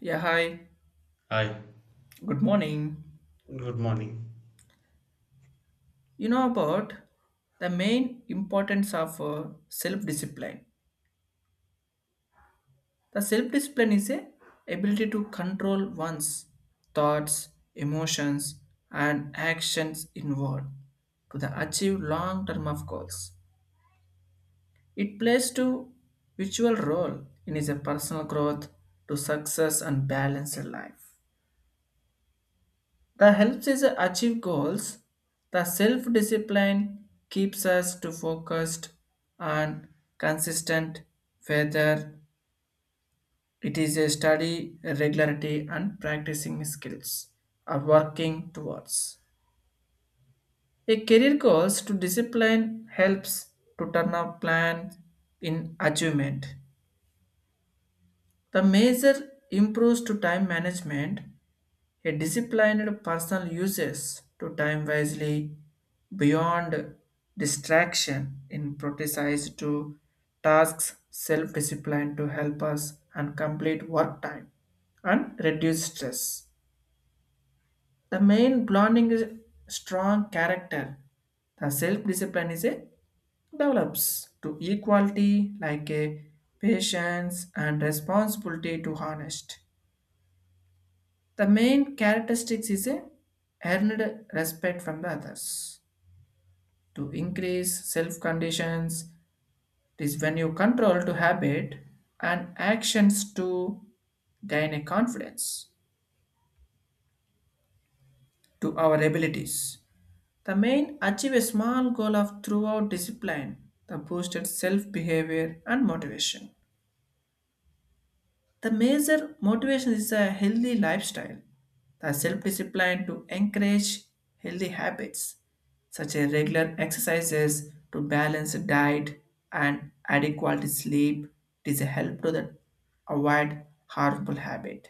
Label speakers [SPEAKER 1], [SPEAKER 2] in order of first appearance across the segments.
[SPEAKER 1] Yeah, hi.
[SPEAKER 2] Hi,
[SPEAKER 1] Good morning.
[SPEAKER 2] good morning.
[SPEAKER 1] You know about the main importance of self-discipline. The self-discipline is a ability to control one's thoughts, emotions, and actions inward to the achieve long-term of goals. It plays to virtual role in his personal growth to success and balanced life. The helps is achieve goals. The self-discipline keeps us to focused and consistent whether it is a study, regularity and practicing skills are working towards. A career goals to discipline helps to turn up plan in achievement. The measure improves to time management. A disciplined person uses to time wisely beyond distraction in prioritize to tasks self-discipline to help us and complete work time and reduce stress. The main blending is strong character. The self-discipline is a develops to equality like a patience and responsibility to honest. The main characteristics is a earned respect from the others. To increase self conditions, it is when you control to habit and actions to gain a confidence to our abilities. The main achieve a small goal of throughout discipline, the boosted self behavior and motivation. The major motivation is a healthy lifestyle, the self discipline to encourage healthy habits, such as regular exercises to balance the diet and adequate sleep. It is a help to the, avoid harmful habit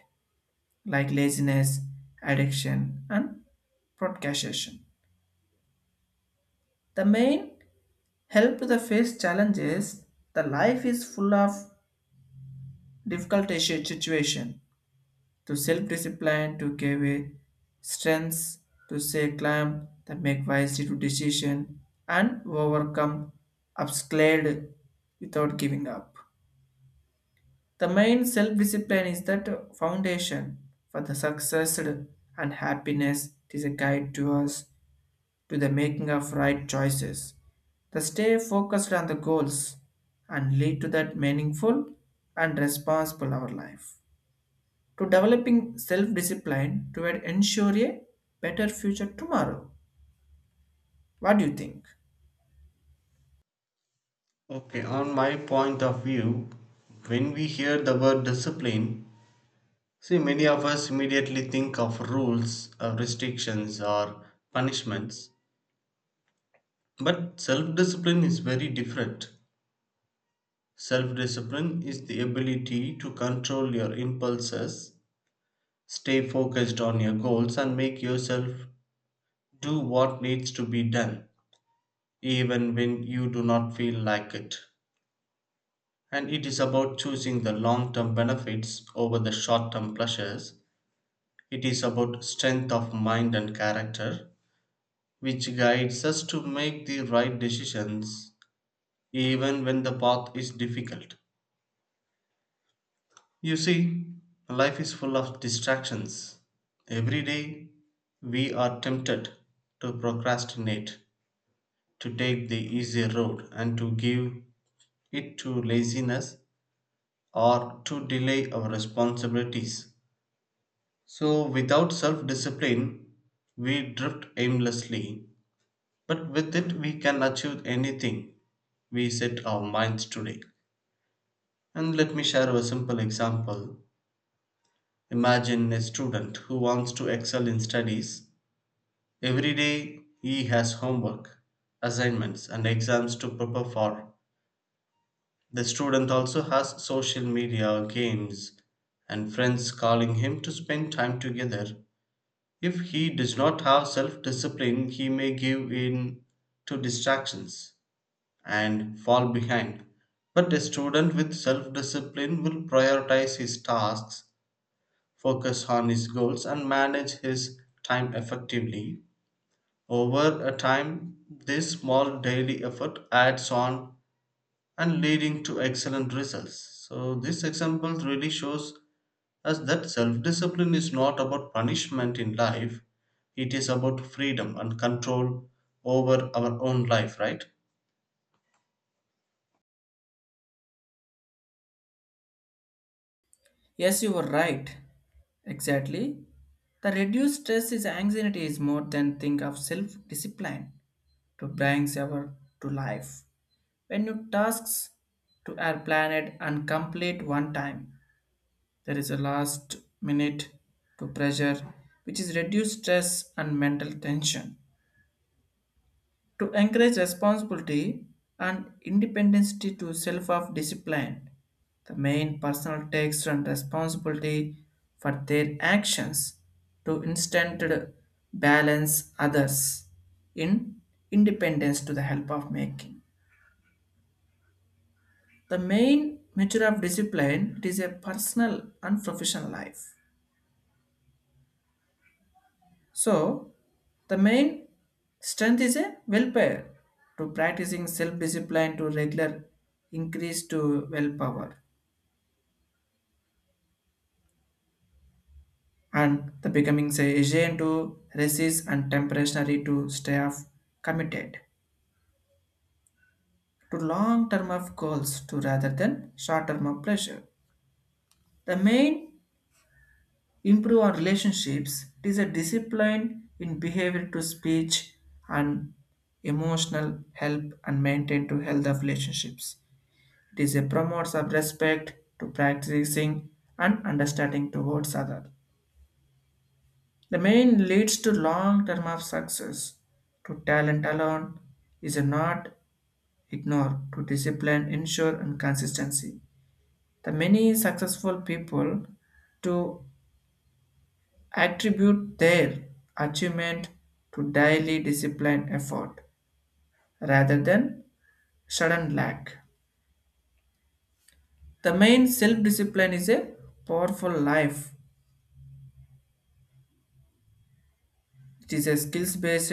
[SPEAKER 1] like laziness, addiction, and procrastination. The main help to the face challenges. The life is full of difficult situation to self-discipline to give a strengths to say climb that make wisely to decision and overcome obstacles without giving up. The main self-discipline is that foundation for the success and happiness. It is a guide to us to the making of right choices. The stay focused on the goals and lead to that meaningful and responsible our life to developing self-discipline toward ensure a better future tomorrow. What do you think?
[SPEAKER 2] Okay, on my point of view, when we hear the word discipline, see, many of us immediately think of rules, or restrictions, or punishments. But self discipline is very different. Self discipline is the ability to control your impulses, stay focused on your goals, and make yourself do what needs to be done, even when you do not feel like it. And it is about choosing the long term benefits over the short term pleasures. It is about strength of mind and character, which guides us to make the right decisions even when the path is difficult. You see, life is full of distractions. Every day, we are tempted to procrastinate, to take the easy road, and to give it to laziness or to delay our responsibilities. So, without self discipline, we drift aimlessly, but with it, we can achieve anything we set our minds to do. And let me share a simple example. Imagine a student who wants to excel in studies. Every day, he has homework, assignments, and exams to prepare for. The student also has social media, games, and friends calling him to spend time together. If he does not have self discipline, he may give in to distractions and fall behind. But a student with self discipline will prioritize his tasks, focus on his goals, and manage his time effectively. Over a time, this small daily effort adds on and leading to excellent results. So this example really shows as that self discipline is not about punishment in life, it is about freedom and control over our own life, right?
[SPEAKER 1] Yes, you were right. Exactly. The reduced stress is anxiety is more than think of self-discipline to brings our to life. When you tasks to our planet and complete one time, there is a last minute to pressure which is reduced stress and mental tension. To encourage responsibility and independence to self of discipline. The main personal takes and responsibility for their actions to instant balance others in independence to the help of making. The main measure of discipline it is a personal and professional life. So, the main strength is a willpower to practicing self discipline to regular increase to willpower and the becoming say agent to resist and temporary to stay off committed to long term of goals to rather than short term of pleasure. The main improve our relationships it is a discipline in behavior to speech and emotional help and maintain to health of relationships. It is a promotes of respect to practicing and understanding towards other. The main leads to long term of success. To talent alone is not ignored. To discipline, ensure and consistency. The many successful people to attribute their achievement to daily discipline effort rather than sudden lack. The main self discipline is a powerful life. It is a skills based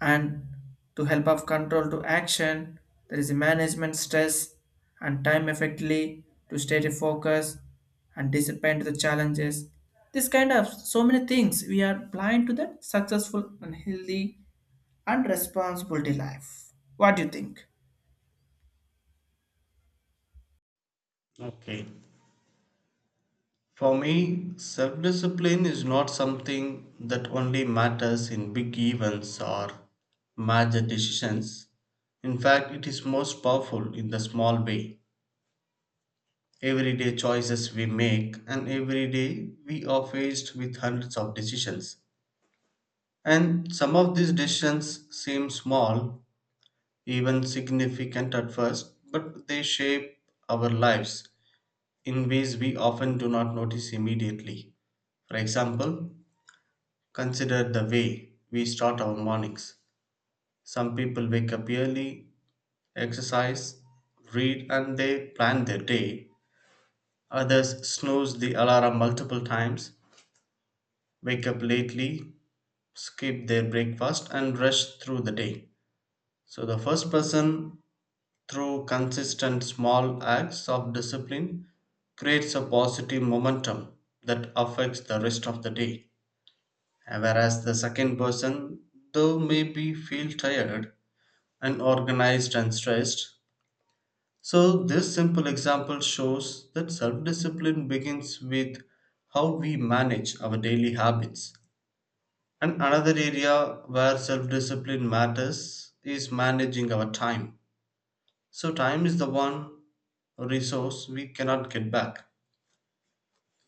[SPEAKER 1] and to help of control to action. There is a management stress and time effectively to stay to focus and discipline to the challenges. This kind of so many things we are blind to the successful and healthy and responsibility life. What do you think?
[SPEAKER 2] Okay. For me, self discipline is not something that only matters in big events or major decisions. In fact, it is most powerful in the small way. Everyday choices we make, and every day we are faced with hundreds of decisions. And some of these decisions seem small, even significant at first, but they shape our lives in ways we often do not notice immediately. For example, consider the way we start our mornings. Some people wake up early, exercise, read, and they plan their day. Others snooze the alarm multiple times, wake up lately, skip their breakfast, and rush through the day. So, the first person through consistent small acts of discipline creates a positive momentum that affects the rest of the day. And whereas the second person, though maybe feel tired, unorganized, and stressed. So, this simple example shows that self discipline begins with how we manage our daily habits. And another area where self discipline matters is managing our time. So, time is the one resource we cannot get back.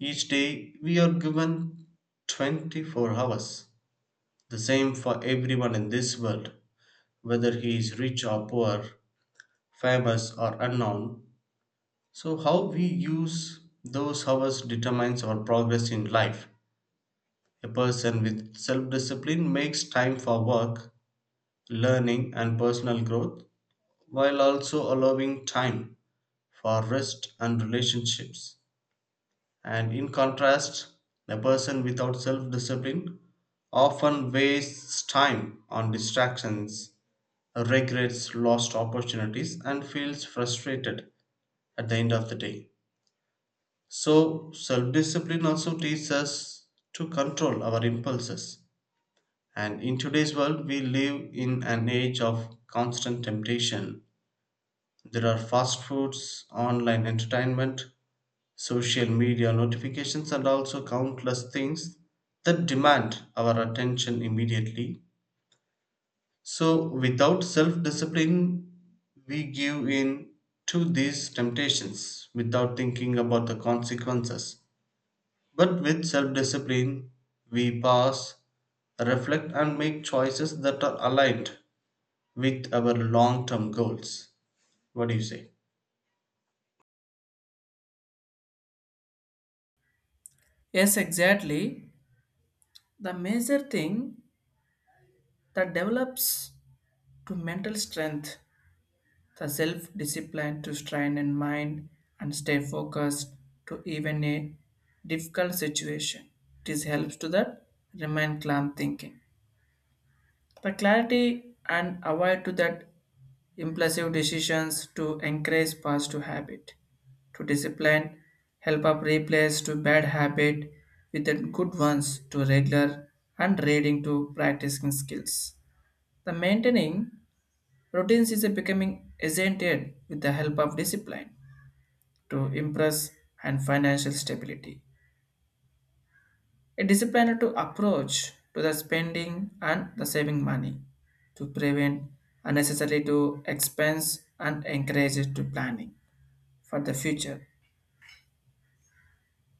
[SPEAKER 2] Each day we are given 24 hours. The same for everyone in this world, whether he is rich or poor, famous or unknown. So, how we use those hours determines our progress in life. A person with self discipline makes time for work, learning, and personal growth while also allowing time for rest and relationships. And in contrast, a person without self discipline often wastes time on distractions, regrets lost opportunities, and feels frustrated at the end of the day. So, self discipline also teaches us to control our impulses. And in today's world, we live in an age of constant temptation. There are fast foods, online entertainment, social media notifications, and also countless things that demand our attention immediately. So, without self discipline, we give in to these temptations without thinking about the consequences. But with self discipline, we pause, reflect, and make choices that are aligned with our long term goals. What do you say?
[SPEAKER 1] Yes, exactly. The major thing that develops to mental strength. The self discipline to strain in mind and stay focused to even a difficult situation. This helps to that remain calm thinking. The clarity and avoid to that impulsive decisions to encourage positive habit. To discipline, help up replace to bad habit with the good ones to regular and reading to practicing skills. The maintaining routines is a becoming accented with the help of discipline to impress and financial stability. A disciplined to approach to the spending and the saving money to prevent unnecessary to expense and encourage it to planning for the future.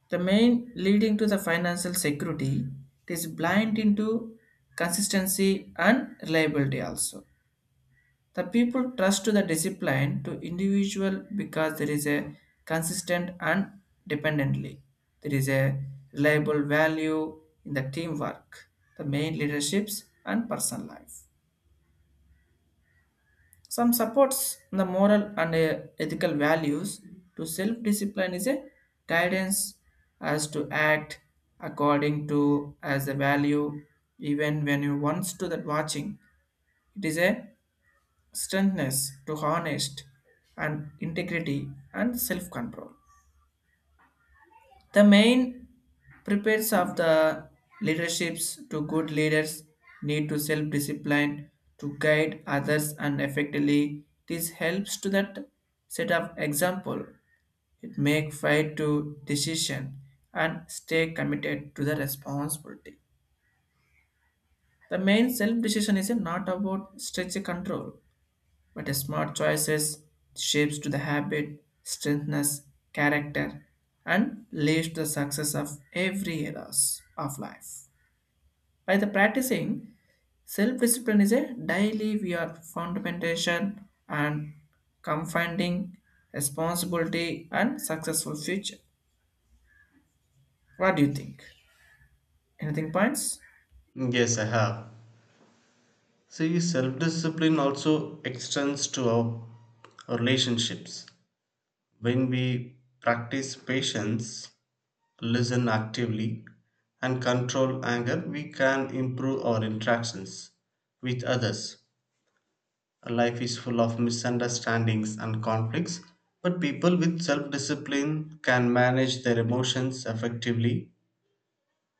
[SPEAKER 1] The main leading to the financial security it is blind into consistency and reliability also. The people trust to the discipline to individual because there is a consistent and dependently. There is a reliable value in the teamwork, the main leaderships and personal life. Some supports the moral and ethical values to self-discipline is a guidance as to act according to as a value even when you wants to that watching. It is a strengthness to honest and integrity and self-control. The main prepares of the leaderships to good leaders need to self-discipline to guide others and effectively this helps to that set of example. It make fight to decision and stay committed to the responsibility. The main self-decision is not about stretch control but smart choices shapes to the habit, strengthens character, and leads to the success of every areas of life. By the practicing, self-discipline is a daily we are fundamentation and confounding responsibility and successful future. What do you think? Anything points?
[SPEAKER 2] Yes, I have. See, self discipline also extends to our relationships. When we practice patience, listen actively, and control anger, we can improve our interactions with others. Life is full of misunderstandings and conflicts, but people with self discipline can manage their emotions effectively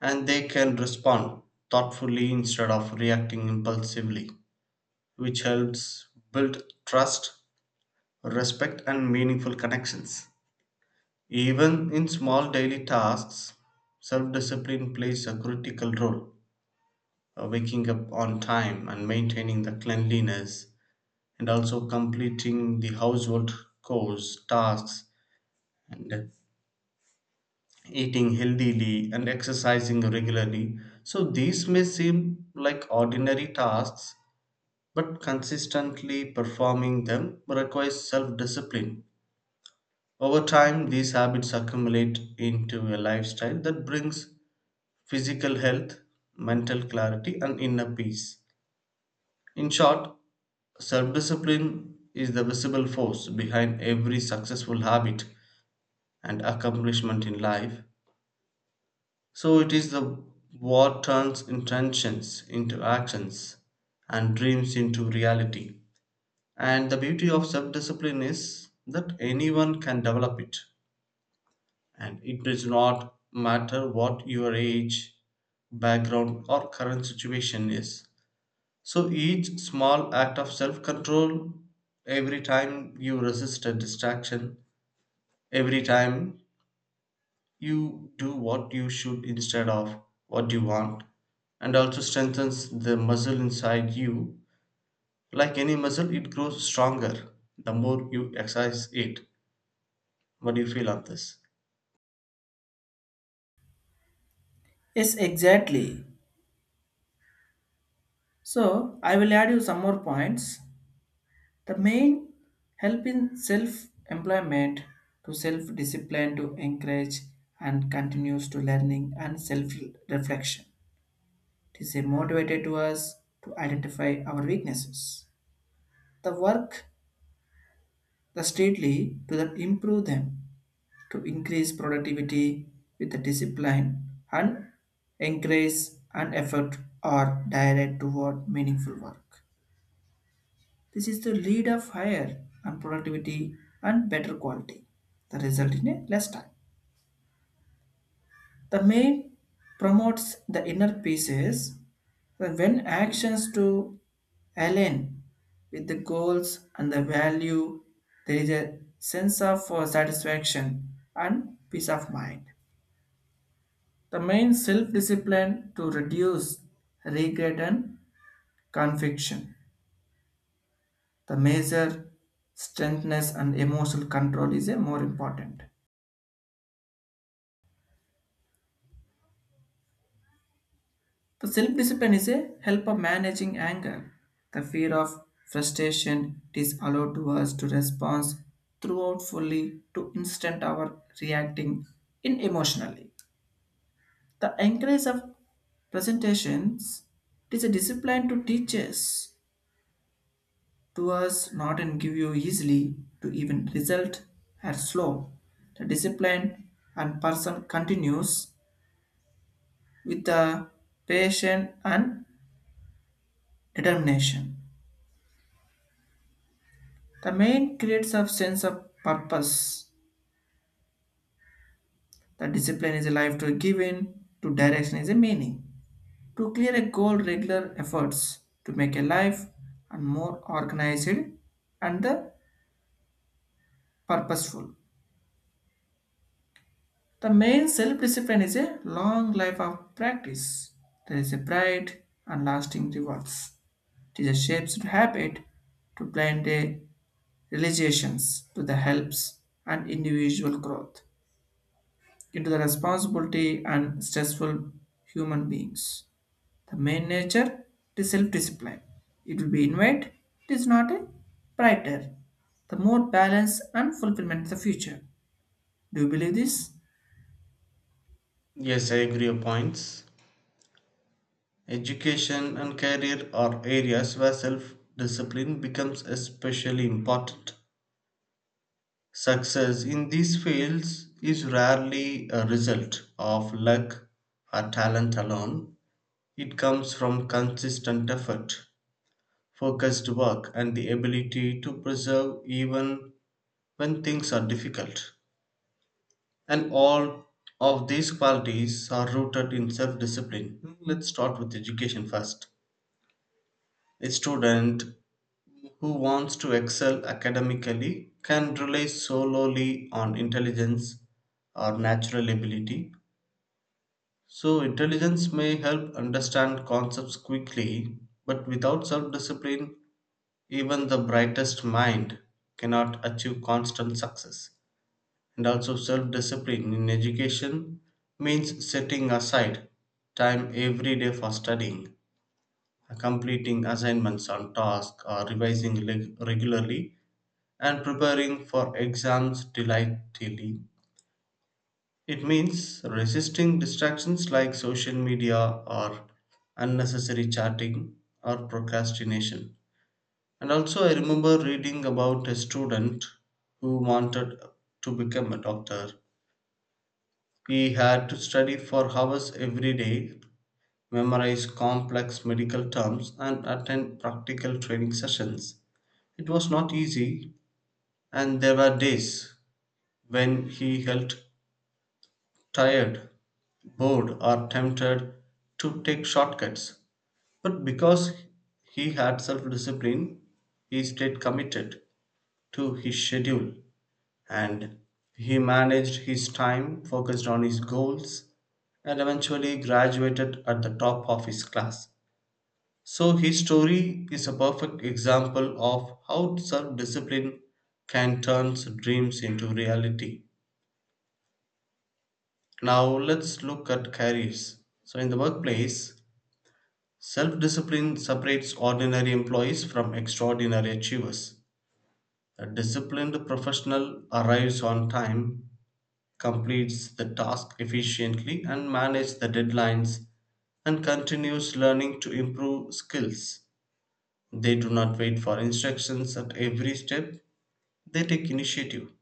[SPEAKER 2] and they can respond thoughtfully instead of reacting impulsively, which helps build trust, respect, and meaningful connections. Even in small daily tasks, self discipline plays a critical role. Waking up on time and maintaining the cleanliness, and also completing the household chores, tasks, and eating healthily and exercising regularly. So, these may seem like ordinary tasks, but consistently performing them requires self discipline. Over time, these habits accumulate into a lifestyle that brings physical health, mental clarity, and inner peace. In short, self discipline is the visible force behind every successful habit and accomplishment in life. So, it is the what turns intentions into actions and dreams into reality. And the beauty of self discipline is that anyone can develop it. And it does not matter what your age, background, or current situation is. So each small act of self control, every time you resist a distraction, every time you do what you should instead of what you want, and also strengthens the muscle inside you. Like any muscle, it grows stronger the more you exercise it. What do you feel on this?
[SPEAKER 1] Yes, exactly. So I will add you some more points. The main help in self-employment to self-discipline to encourage and continues to learning and self-reflection. It is a motivator to us to identify our weaknesses. The work the steadily to the improve them, to increase productivity with the discipline and encourage and effort are directed toward meaningful work. This is the lead of higher and productivity and better quality. The result in a less time. The main promotes the inner pieces that when actions to align with the goals and the value, there is a sense of satisfaction and peace of mind. The main self-discipline to reduce regret and conviction. The major strengthness and emotional control is a more important. The self discipline is a help of managing anger. The fear of frustration it is allowed to us to respond throughout fully to instant our reacting in emotionally. The encourage of presentations it is a discipline to teach us to us not and give you easily to even result are slow. The discipline and person continues with the patience and determination. The main creates a sense of purpose. The discipline is a life to give in, to direction is a meaning. To clear a goal, regular efforts to make a life and more organized and the purposeful. The main self-discipline is a long life of practice. There is a bright and lasting rewards. It is a shapes to habit to blend the realizations to the helps and individual growth, into the responsibility and stressful human beings. The main nature is self-discipline. It will be invite, it is not a brighter. The more balance and fulfillment in the future. Do you believe this?
[SPEAKER 2] Yes, I agree your points. Education and career are areas where self discipline becomes especially important. Success in these fields is rarely a result of luck or talent alone. It comes from consistent effort, focused work, and the ability to persevere even when things are difficult. And all of these qualities are rooted in self discipline. Let's start with education first. A student who wants to excel academically can rely solely on intelligence or natural ability. So, intelligence may help understand concepts quickly, but without self discipline, even the brightest mind cannot achieve constant success. And also, self discipline in education means setting aside time every day for studying, completing assignments on task, or revising regularly and preparing for exams delightfully. It means resisting distractions like social media or unnecessary chatting or procrastination. And also, I remember reading about a student who wanted to become a doctor. He had to study for hours every day, memorize complex medical terms, and attend practical training sessions. It was not easy, and there were days when he felt tired, bored, or tempted to take shortcuts. But because he had self discipline, he stayed committed to his schedule and he managed his time, focused on his goals, and eventually graduated at the top of his class. So, his story is a perfect example of how self discipline can turn dreams into reality. Now, let's look at careers. So, in the workplace, self discipline separates ordinary employees from extraordinary achievers. A disciplined professional arrives on time, completes the task efficiently, and manages the deadlines, and continues learning to improve skills. They do not wait for instructions at every step, they take initiative.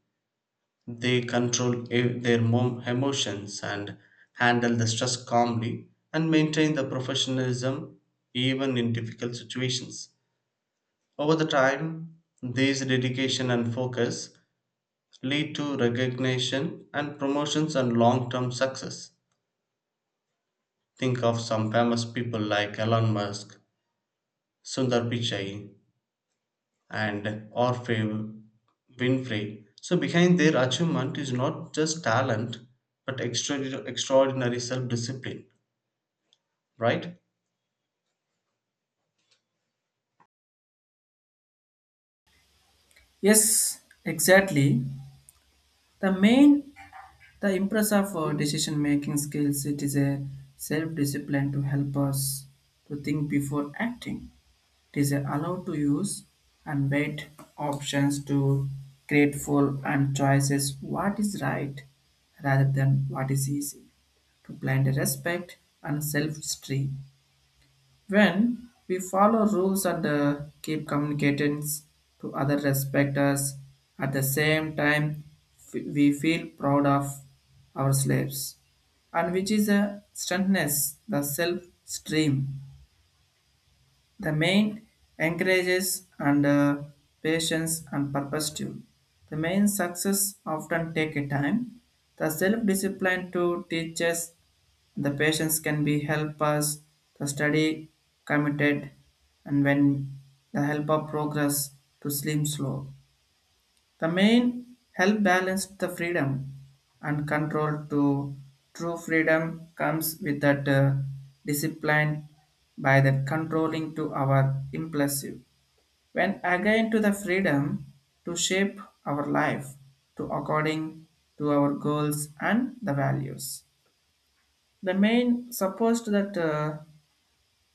[SPEAKER 2] They control emotions and handle the stress calmly and maintain the professionalism even in difficult situations. Over the time, these dedication and focus lead to recognition and promotions and long term success. Think of some famous people like Elon Musk, Sundar Pichai, and Orfeo Winfrey. So, behind their achievement is not just talent but extraordinary self discipline, right?
[SPEAKER 1] Yes, exactly. The main the impress of our decision making skills it is a self-discipline to help us to think before acting. It is allowed to use unbanked options to create full and choices what is right rather than what is easy, to blind respect and self esteem. When we follow rules and keep communications to other respect us at the same time, we feel proud of our slaves, and which is a strengthness, the self esteem the main encourages and patience and purpose too. The main success often take a time. The self-discipline to teach us the patience can be help us to study committed and when the help of progress to slim slow. The main help balance the freedom and control to true freedom comes with that discipline by that controlling to our impulsive. When again to the freedom to shape our life to according to our goals and the values. The main supposed that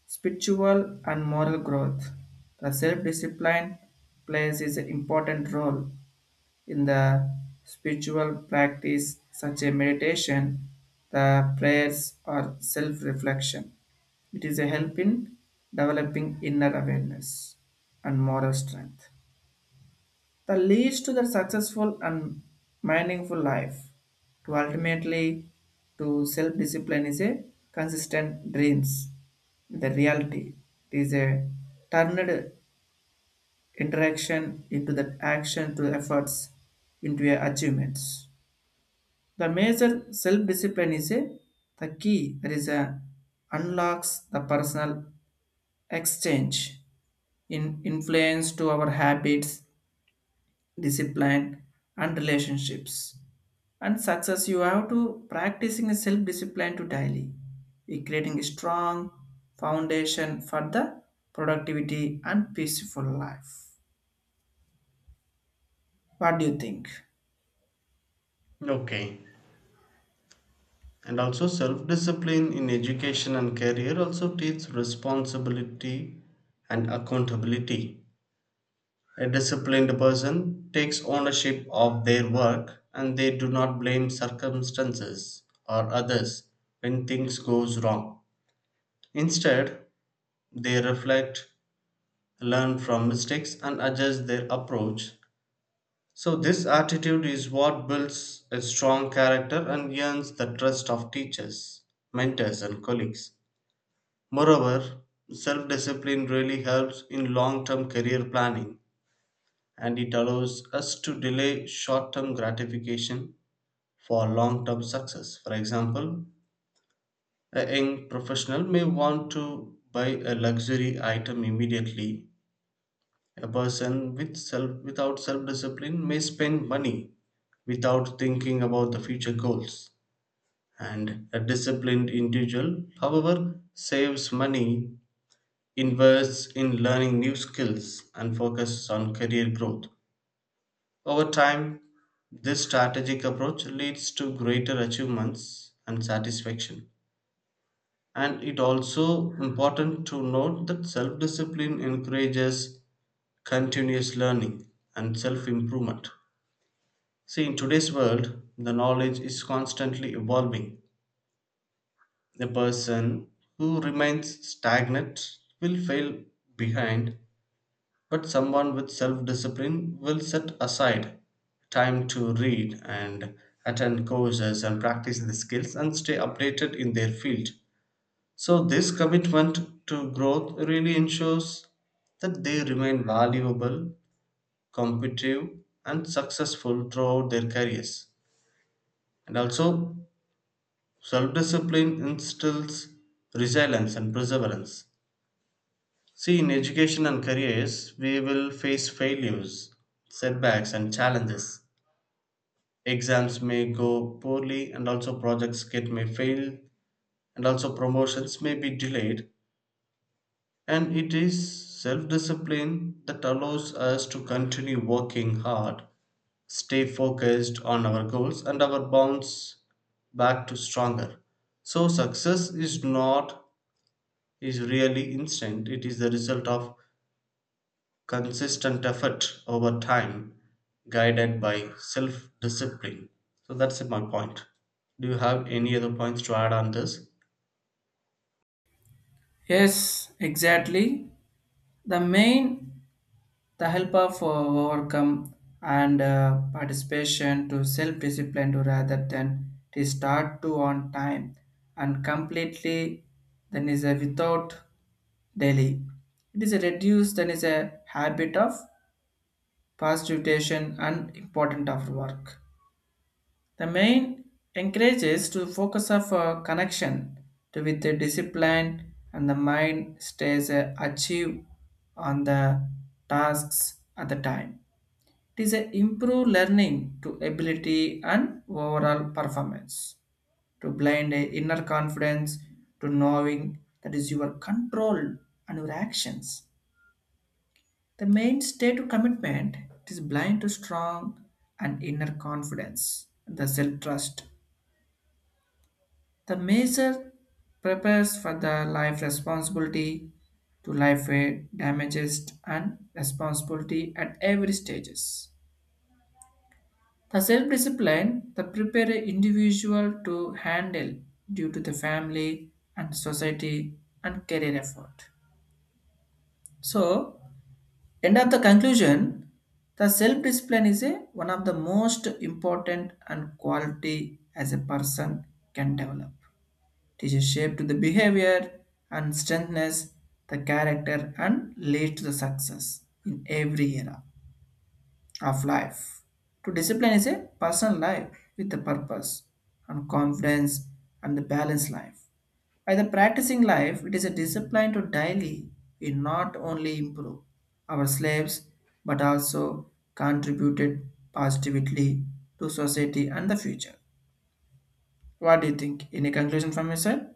[SPEAKER 1] spiritual and moral growth, the self-discipline plays is an important role in the spiritual practice, such as meditation, the prayers or self-reflection, it is a help in developing inner awareness and moral strength. That leads to the successful and meaningful life. To ultimately, to self-discipline is a consistent dreams with the reality. It is a turned interaction into the action to efforts into a achievements. The major self-discipline is a, the key that is a unlocks the personal exchange in influence to our habits, discipline, and relationships. And success, you have to practicing a self-discipline to daily, we creating a strong foundation for the productivity and peaceful life. What do you think?
[SPEAKER 2] Okay. And also, self discipline in education and career also teaches responsibility and accountability. A disciplined person takes ownership of their work and they do not blame circumstances or others when things goes wrong. Instead, they reflect, learn from mistakes and adjust their approach. So this attitude is what builds a strong character and earns the trust of teachers, mentors and colleagues. Moreover, self-discipline really helps in long-term career planning and it allows us to delay short term gratification for long term success. For example, a young professional may want to buy a luxury item immediately. A person without self discipline may spend money without thinking about the future goals. And a disciplined individual, however, saves money, invests in learning new skills, and focuses on career growth. Over time, this strategic approach leads to greater achievements and satisfaction. And it also important to note that self-discipline encourages continuous learning and self-improvement. See, in today's world, the knowledge is constantly evolving. A person who remains stagnant will fail behind. But someone with self discipline will set aside time to read and attend courses and practice the skills and stay updated in their field. So, this commitment to growth really ensures that they remain valuable, competitive, and successful throughout their careers. And also, self discipline instills resilience and perseverance. See, in education and careers, we will face failures, setbacks, and challenges. Exams may go poorly, and also projects get may fail, and also promotions may be delayed. And it is self discipline that allows us to continue working hard, stay focused on our goals, and our bounce back to stronger. So, success is not is really instant, it is the result of consistent effort over time guided by self discipline. So that's it, my point. Do you have any other points to add on this?
[SPEAKER 1] Yes, exactly. The main the help of overcome and participation to self-discipline to rather than to start to on time and completely then is a without daily. It is a reduced then is a habit of positivation and important of work. The main encourages to focus of connection to with the discipline and the mind stays achieve on the tasks at the time. It is a improve learning to ability and overall performance, to blind a inner confidence, to knowing that is your control and your actions. The main state of commitment it is blind to strong and inner confidence, the self-trust. The measure prepares for the life responsibility to life damages and responsibility at every stages. The self discipline that prepare an individual to handle due to the family and society and career effort. So, end of the conclusion, the self discipline is a, one of the most important and quality as a person can develop. It is a shape to the behavior and strengthens the character and leads to the success in every era of life. To discipline is a personal life with a purpose and confidence and the balanced life. By the practicing life, it is a discipline to daily we not only improve our slaves but also contributed positively to society and the future. What do you think? Any conclusion from your side?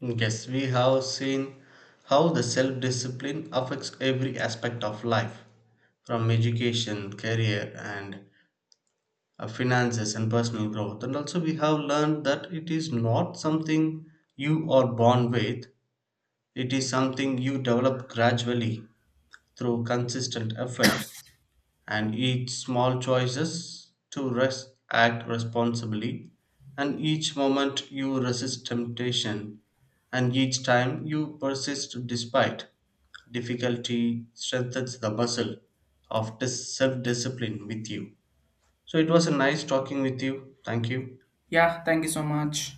[SPEAKER 2] Yes, we have seen how the self discipline affects every aspect of life from education, career, and finances and personal growth. And also, we have learned that it is not something you are born with, it is something you develop gradually through consistent effort and each small choices to act responsibly and each moment you resist temptation and each time you persist despite difficulty strengthens the muscle of self-discipline with you. So it was a nice talking with you. Thank you.
[SPEAKER 1] Yeah, thank you so much.